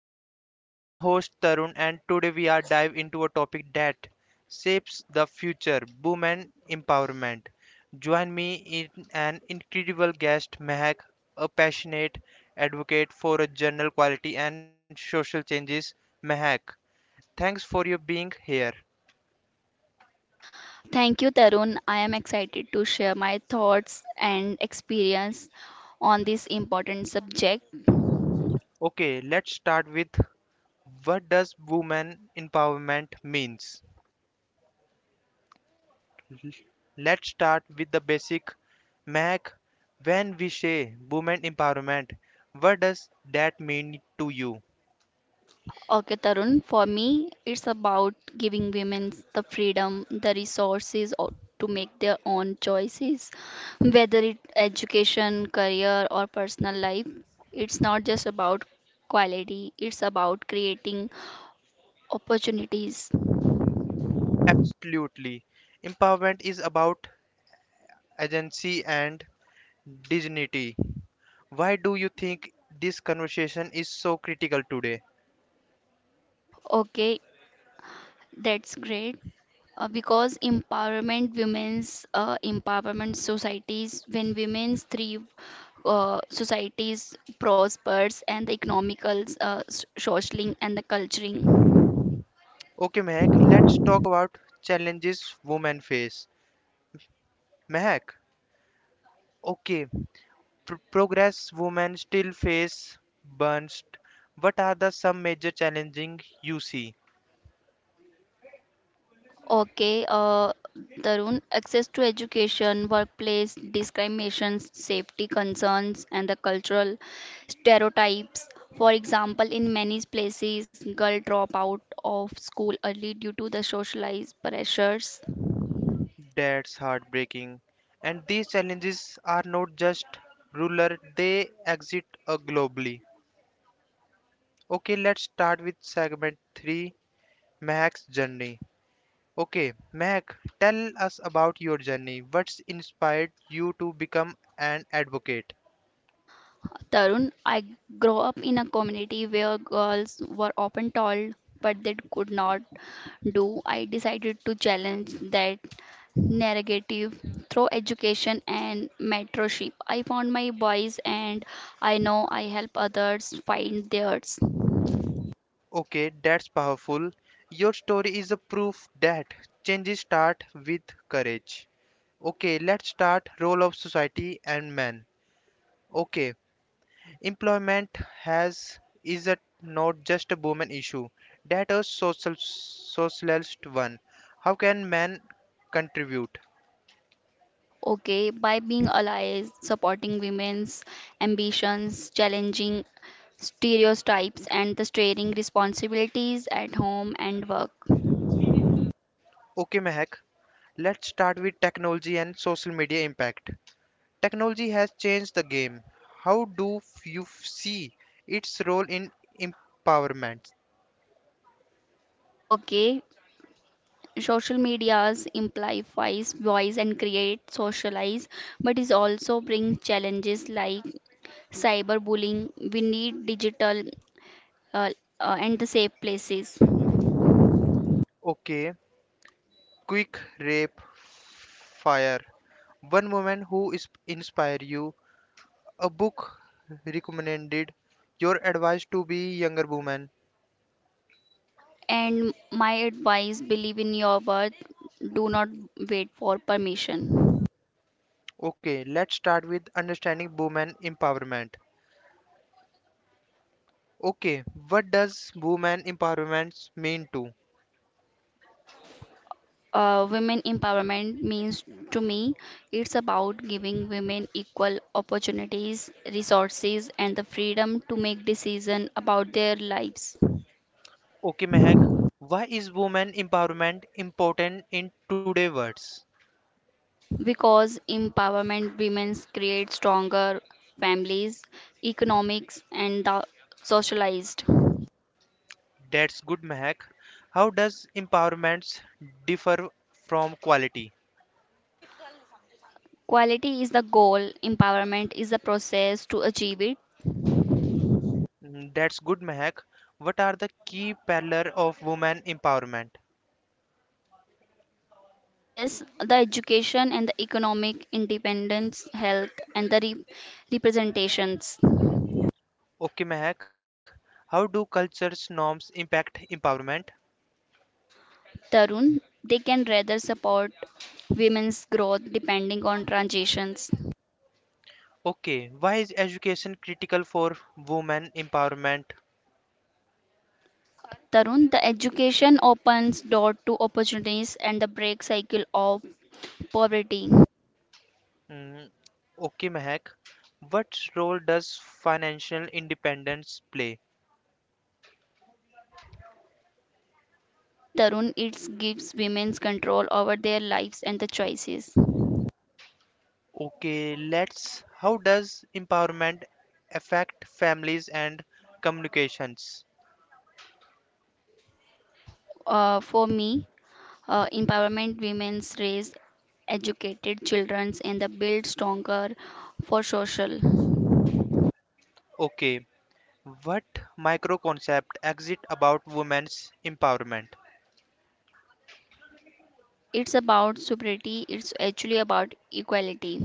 Her. I'm host Tarun and today we are dive into a topic that shapes the future, women empowerment. Join me in an incredible guest Mehak, a passionate advocate for a journal quality and social changes. Mehak, thanks for your being here. Thank you, Tarun. I am excited to share my thoughts and experience on this important subject. Okay, let's start with what does women empowerment means? Let's start with the basic. Mac, when we say women empowerment, what does that mean to you? Okay, Tarun, for me, it's about giving women the freedom, the resources or to make their own choices, whether it education, career, or personal life. It's not just about quality, it's about creating opportunities. Absolutely. Empowerment is about agency and dignity. Why do you think this conversation is so critical today? Okay, that's great. Because empowerment women's empowerment societies when women's thrive societies prospers and the economical social and the culturing. Okay, Mehak, let's talk about challenges women face. Mehak, okay, progress women still face burns. What are the some major challenging you see? Okay, Tarun, access to education, workplace discrimination, safety concerns, and the cultural stereotypes. For example, in many places girl drop out of school early due to the socialized pressures. That's heartbreaking. And these challenges are not just rural, they exist globally. Okay, let's start with segment 3 Mehak's journey. Okay, Mehak, tell us about your journey. What's inspired you to become an advocate? Tarun, I grew up in a community where girls were often told what they could not do. I decided to challenge that narrative through education and mentorship. I found my voice and I know I help others find theirs. Okay, that's powerful. Your story is a proof that changes start with courage. Okay, let's start role of society and men. Okay, Employment has is a, not just a woman issue, that a social socialist one. How can men contribute? Okay, by being allies, supporting women's ambitions, challenging stereotypes, and the sharing responsibilities at home and work. Okay, Mehak, let's start with technology and social media impact. Technology has changed the game. How do you see its role in empowerment? Okay, social medias amplifies voice and create socialize, but it also brings challenges like cyberbullying. We need digital uh, and the safe places. Okay, quick rape fire. One woman who is inspire you, a book recommended, your advice to be younger woman. And my advice, believe in your worth, do not wait for permission. Okay, let's start with understanding woman empowerment. Okay, what does woman empowerment mean to? Women empowerment means to me it's about giving women equal opportunities, resources, and the freedom to make decisions about their lives. Okay, Mehak, why is woman empowerment important in today's words? Because empowerment women create stronger families, economics, and the socialized. That's good, Mehak. How does empowerment differ from quality? Quality is the goal, empowerment is the process to achieve it. Mm, that's good, Mehak. What are the key pillars of woman empowerment? Yes, the education and the economic independence, health, and the representations. Okay, Mehak, how do culture's norms impact empowerment? Tarun, they can rather support women's growth depending on transitions. Okay, why is education critical for women empowerment? Tarun, the education opens door to opportunities and the break cycle of poverty. Mm, okay, Mehak, what role does financial independence play? Me, Tarun, it gives women control over their lives and the choices. Okay, let's. How does empowerment affect families and communications? For me, empowerment women's raise educated children and the build stronger for social. Okay, what micro concept exist about women's empowerment? It's about sobriety. It's actually about equality.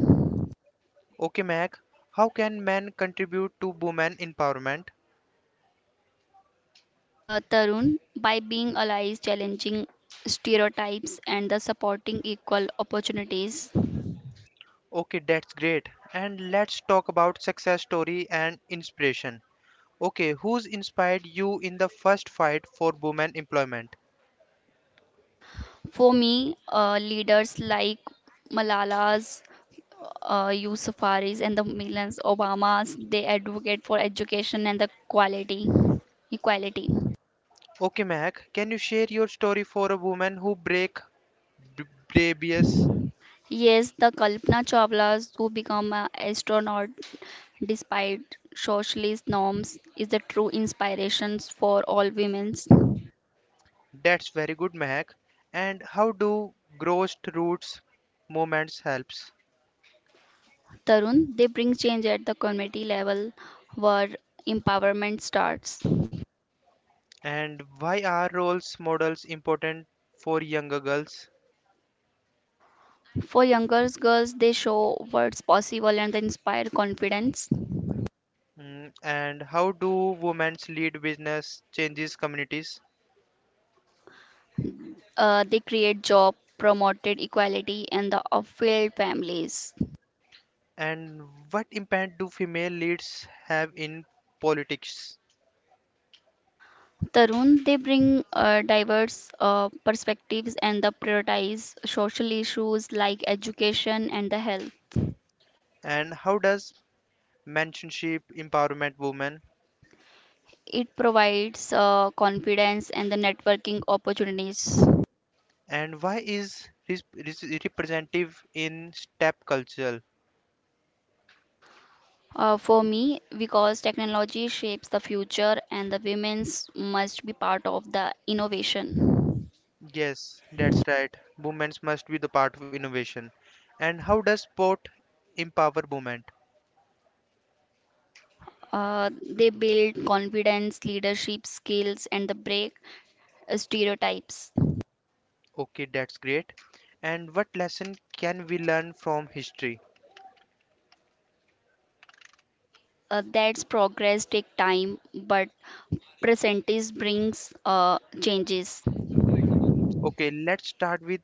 Okay, Mehak, how can men contribute to women empowerment? Tarun, by being allies, challenging stereotypes, and the supporting equal opportunities. Okay, that's great. And let's talk about success story and inspiration. Okay, who's inspired you in the first fight for women employment? For me, leaders like Malala's Yousafzais and the millions Obamas, they advocate for education and the quality equality. Okay, Mac, can you share your story for a woman who break b- barriers? Yes, the Kalpana Chawlas who become an astronaut despite socialist norms is the true inspirations for all women. That's very good, Mac. And how do grassroots movements helps? Tarun, they bring change at the community level where empowerment starts. And why are roles models important for younger girls? For younger girls, they show what's possible and they inspire confidence. Mm, and how do women lead business changes communities? They create job, promoted equality, and the off-field families. And what impact do female leads have in politics? Tarun, they bring diverse perspectives and they prioritize social issues like education and the health. And how does mentorship empowerment women? It provides confidence and the networking opportunities. And why is this representative in STEP culture? For me, because technology shapes the future and the women's must be part of the innovation. Yes, that's right. Women must be the part of innovation. And how does sport empower women? They build confidence, leadership skills, and the break stereotypes. Okay, that's great. And what lesson can we learn from history? That's progress take time, but presentism brings changes. Okay, let's start with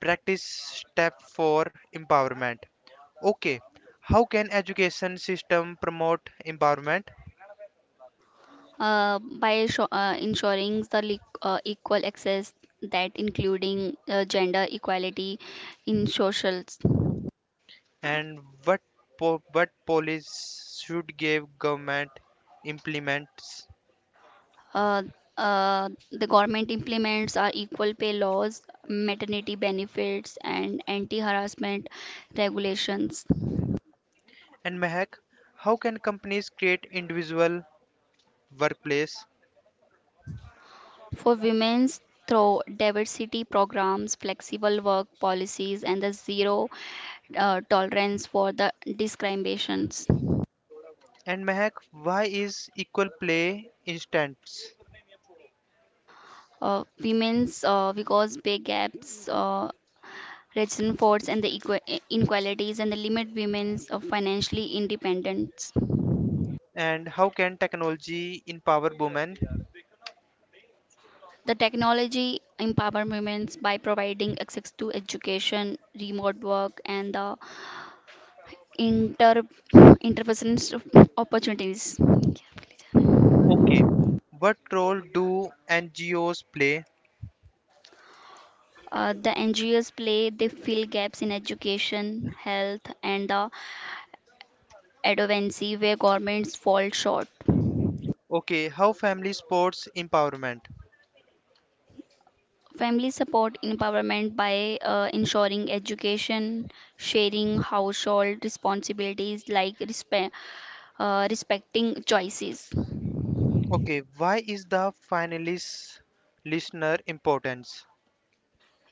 practice step for empowerment. Okay, how can education system promote empowerment Uh, by sho- uh, ensuring the equal access, that including gender equality in socials. and what what policies should give government implements? Uh, the government implements our equal pay laws, maternity benefits, and anti-harassment regulations And Mehak, how can companies create individual workplace? for women through diversity programs, flexible work policies, and the zero tolerance for the discriminations. And Mehak, why is equal play instance? Women's, because pay gaps. Rutherford's and the inequalities and the limit women's of financially independence. And how can technology empower women? The technology empower women by providing access to education, remote work, and the inter interpersonal opportunities. Okay, what role do NGOs play? The NGOs play, they fill gaps in education, health, and the advocacy where governments fall short. Okay, how family supports empowerment? Family support empowerment by ensuring education, sharing household responsibilities like respecting choices. Okay, why is the finalist listener importance?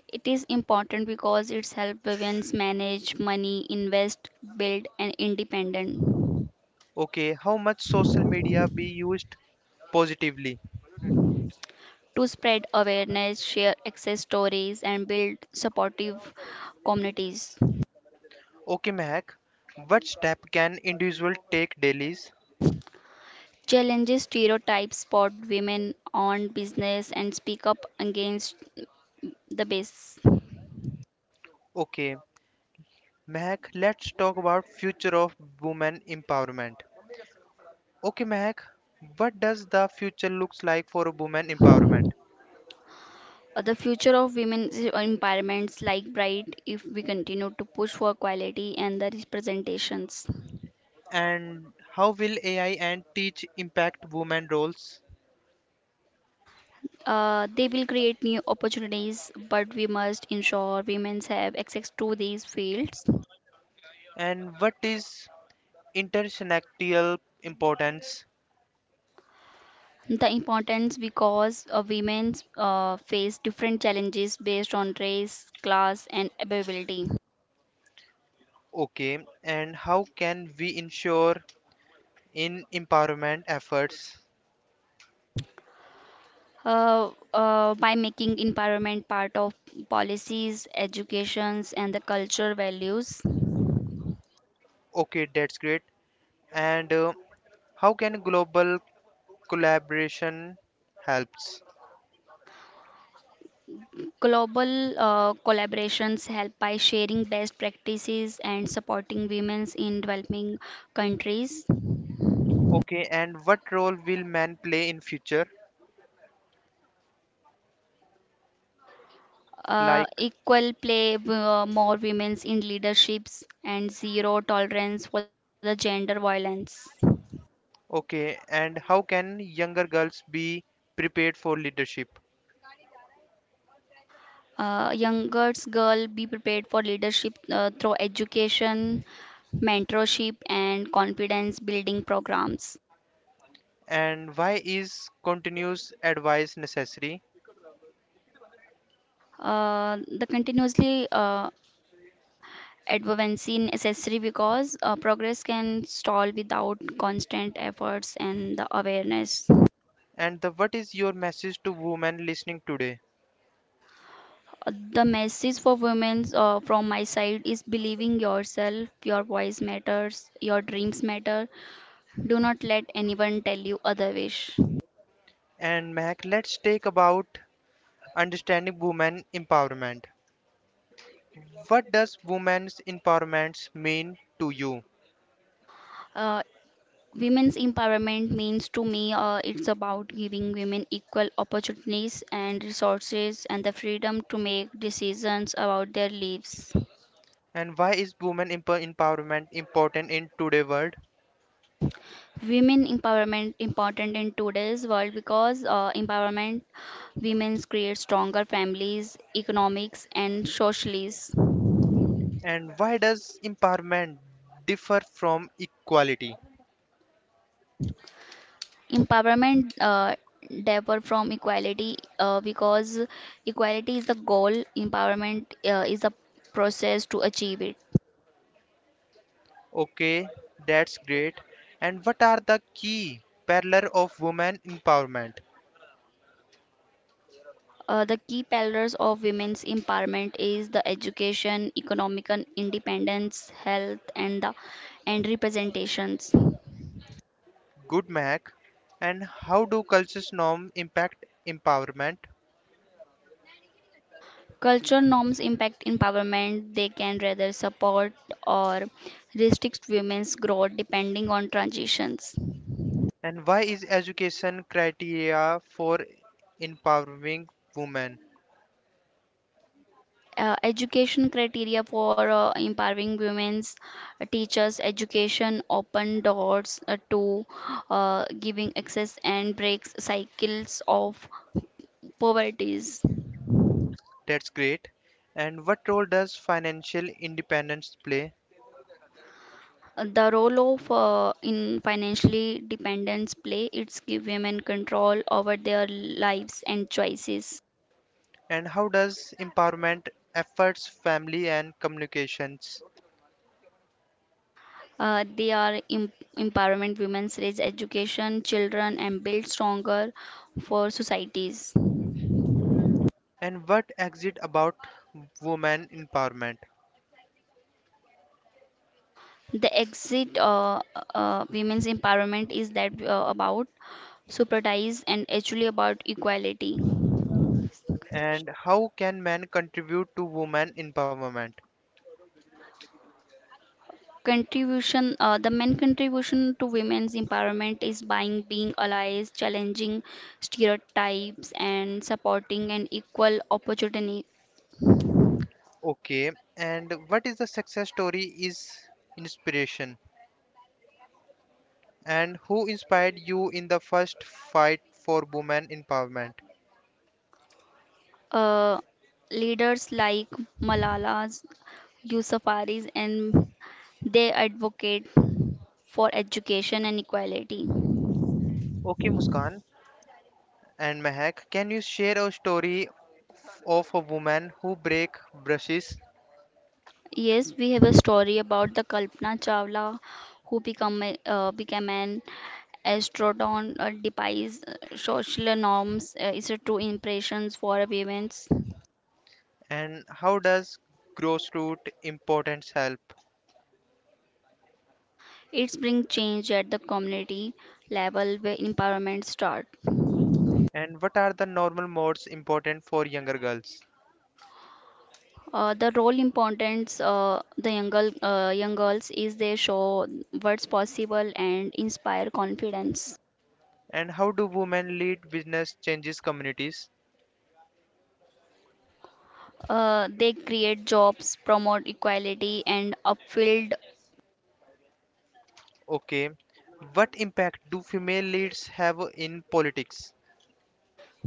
It is important because it's help women manage money, invest, build, and independent. Okay, how much social media be used positively? To spread awareness, share success stories, and build supportive communities. Okay, Mehak, what step can individual take dailies? Challenges stereotypes, spot women on business, and speak up against the base. Okay, Mehak, let's talk about future of women empowerment. Okay, Mehak, what does the future looks like for women empowerment? The future of women's empowerments like bright if we continue to push for quality and the representations. And how will AI and teach impact women roles? They will create new opportunities, but we must ensure women have access to these fields. And what is intersectional importance? The importance because women face different challenges based on race, class, and ability. Okay, and how can we ensure in empowerment efforts? By making environment part of policies, educations, and the culture values. Okay, that's great. And how can global collaboration helps? Global collaborations help by sharing best practices and supporting women in developing countries. Okay, and what role will men play in future? Like, Equal play, more women in leaderships, and zero tolerance for the gender violence. okay, and how can younger girls be prepared for leadership? Young girl be prepared for leadership through education, mentorship, and confidence building programs. And why is continuous advice necessary? The continuously advancing necessary because progress can stall without constant efforts and the awareness. And the, what is your message to women listening today? The message for women from my side is believing yourself, your voice matters, your dreams matter. Do not let anyone tell you other wish. And Mac, let's take about understanding women empowerment. What does women's empowerment mean to you? Uh, Women's empowerment means to me, it's about giving women equal opportunities and resources and the freedom to make decisions about their lives. And why is women empowerment important in today's world? Women empowerment important in today's world because empowerment women create stronger families, economics, and socialists. And why does empowerment differ from equality? Empowerment differ from equality because equality is the goal, empowerment is the process to achieve it. Okay, that's great. And what are the key pillars of women empowerment? The key pillars of women's empowerment is the education, economic and independence, health, and the and representations. Good Mac. And how do culture's norm impact empowerment? Cultural norms impact empowerment. They can rather support or restrict women's growth depending on transitions. And why is education criteria for empowering women? Education criteria for empowering women's, teachers education open doors to giving access and breaks cycles of poverties. That's great. And what role does financial independence play? The role of in financially dependence play, it's give women control over their lives and choices. And how does empowerment efforts family and communications? They are empowerment women's raise education children and build stronger for societies. And what exit about women empowerment? The exit, women's empowerment is that about supertise and actually about equality. And how can men contribute to women empowerment? Contribution, the main contribution to women's empowerment is by being allies, challenging stereotypes, and supporting an equal opportunity. Okay. And what is the success story is inspiration? And who inspired you in the first fight for women empowerment? uh, Leaders like Malala's Yousafzais and they advocate for education and equality. Okay, Muskan. And Mehak, can you share a story of a woman who break brushes Yes, we have a story about the Kalpana Chawla who became an Astrodon, defies social norms, is a true impressions for women's. and how does grassroots importance help? It's bring change at the community level where empowerment start. And what are the normal modes important for younger girls? The role importance the young, girl, young girls, is they show what's possible and inspire confidence. And how do women lead business changes communities? They create jobs, promote equality, and upfield. Okay. What impact do female leads have in politics?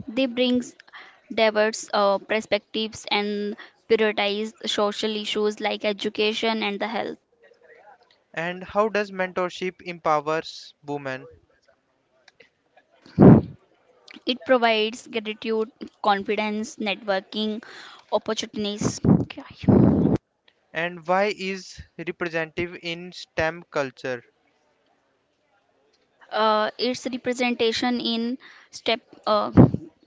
They brings diverse perspectives and prioritize social issues like education and the health. And how does mentorship empowers women? It provides gratitude, confidence, networking, opportunities. Okay. And why is representative in STEM culture? Its representation in step, uh,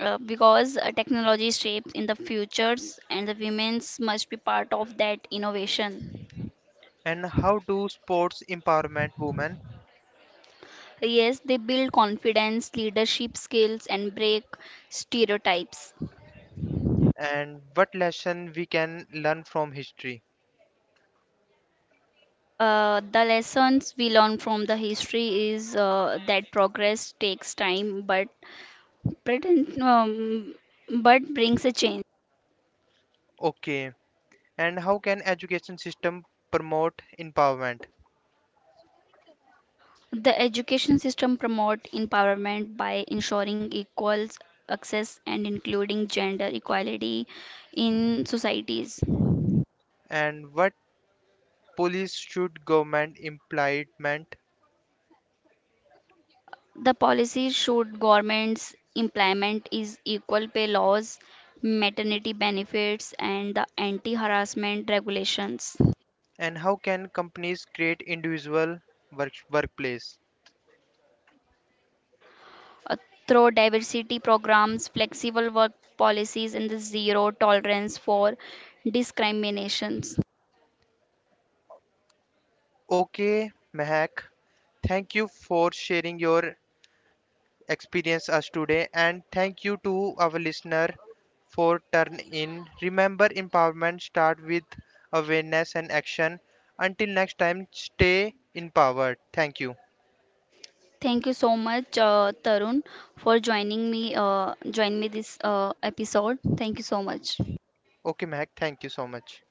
because technology shapes in the futures and the women's must be part of that innovation. And how do sports empowerment women? Yes, they build confidence, leadership skills, and break stereotypes. And what lesson we can learn from history? The lessons we learn from the history is that progress takes time, but pretend, but brings a change. Okay, and how can education system promote empowerment The education system promote empowerment by ensuring equal access and including gender equality in societies. and what police should government implement The policies should governments implement is equal pay laws, maternity benefits, and the anti-harassment regulations. and how can companies create individual workplace? Uh, Through diversity programs, flexible work policies, and the zero tolerance for discriminations. Okay, Mahak, thank you for sharing your experience us today. And thank you to our listener for turn in. Remember, empowerment start with awareness and action. Until next time, stay empowered. Thank you. Thank you so much, Tarun, for joining me. Join me this episode. Thank you so much. Okay, Mehak. Thank you so much.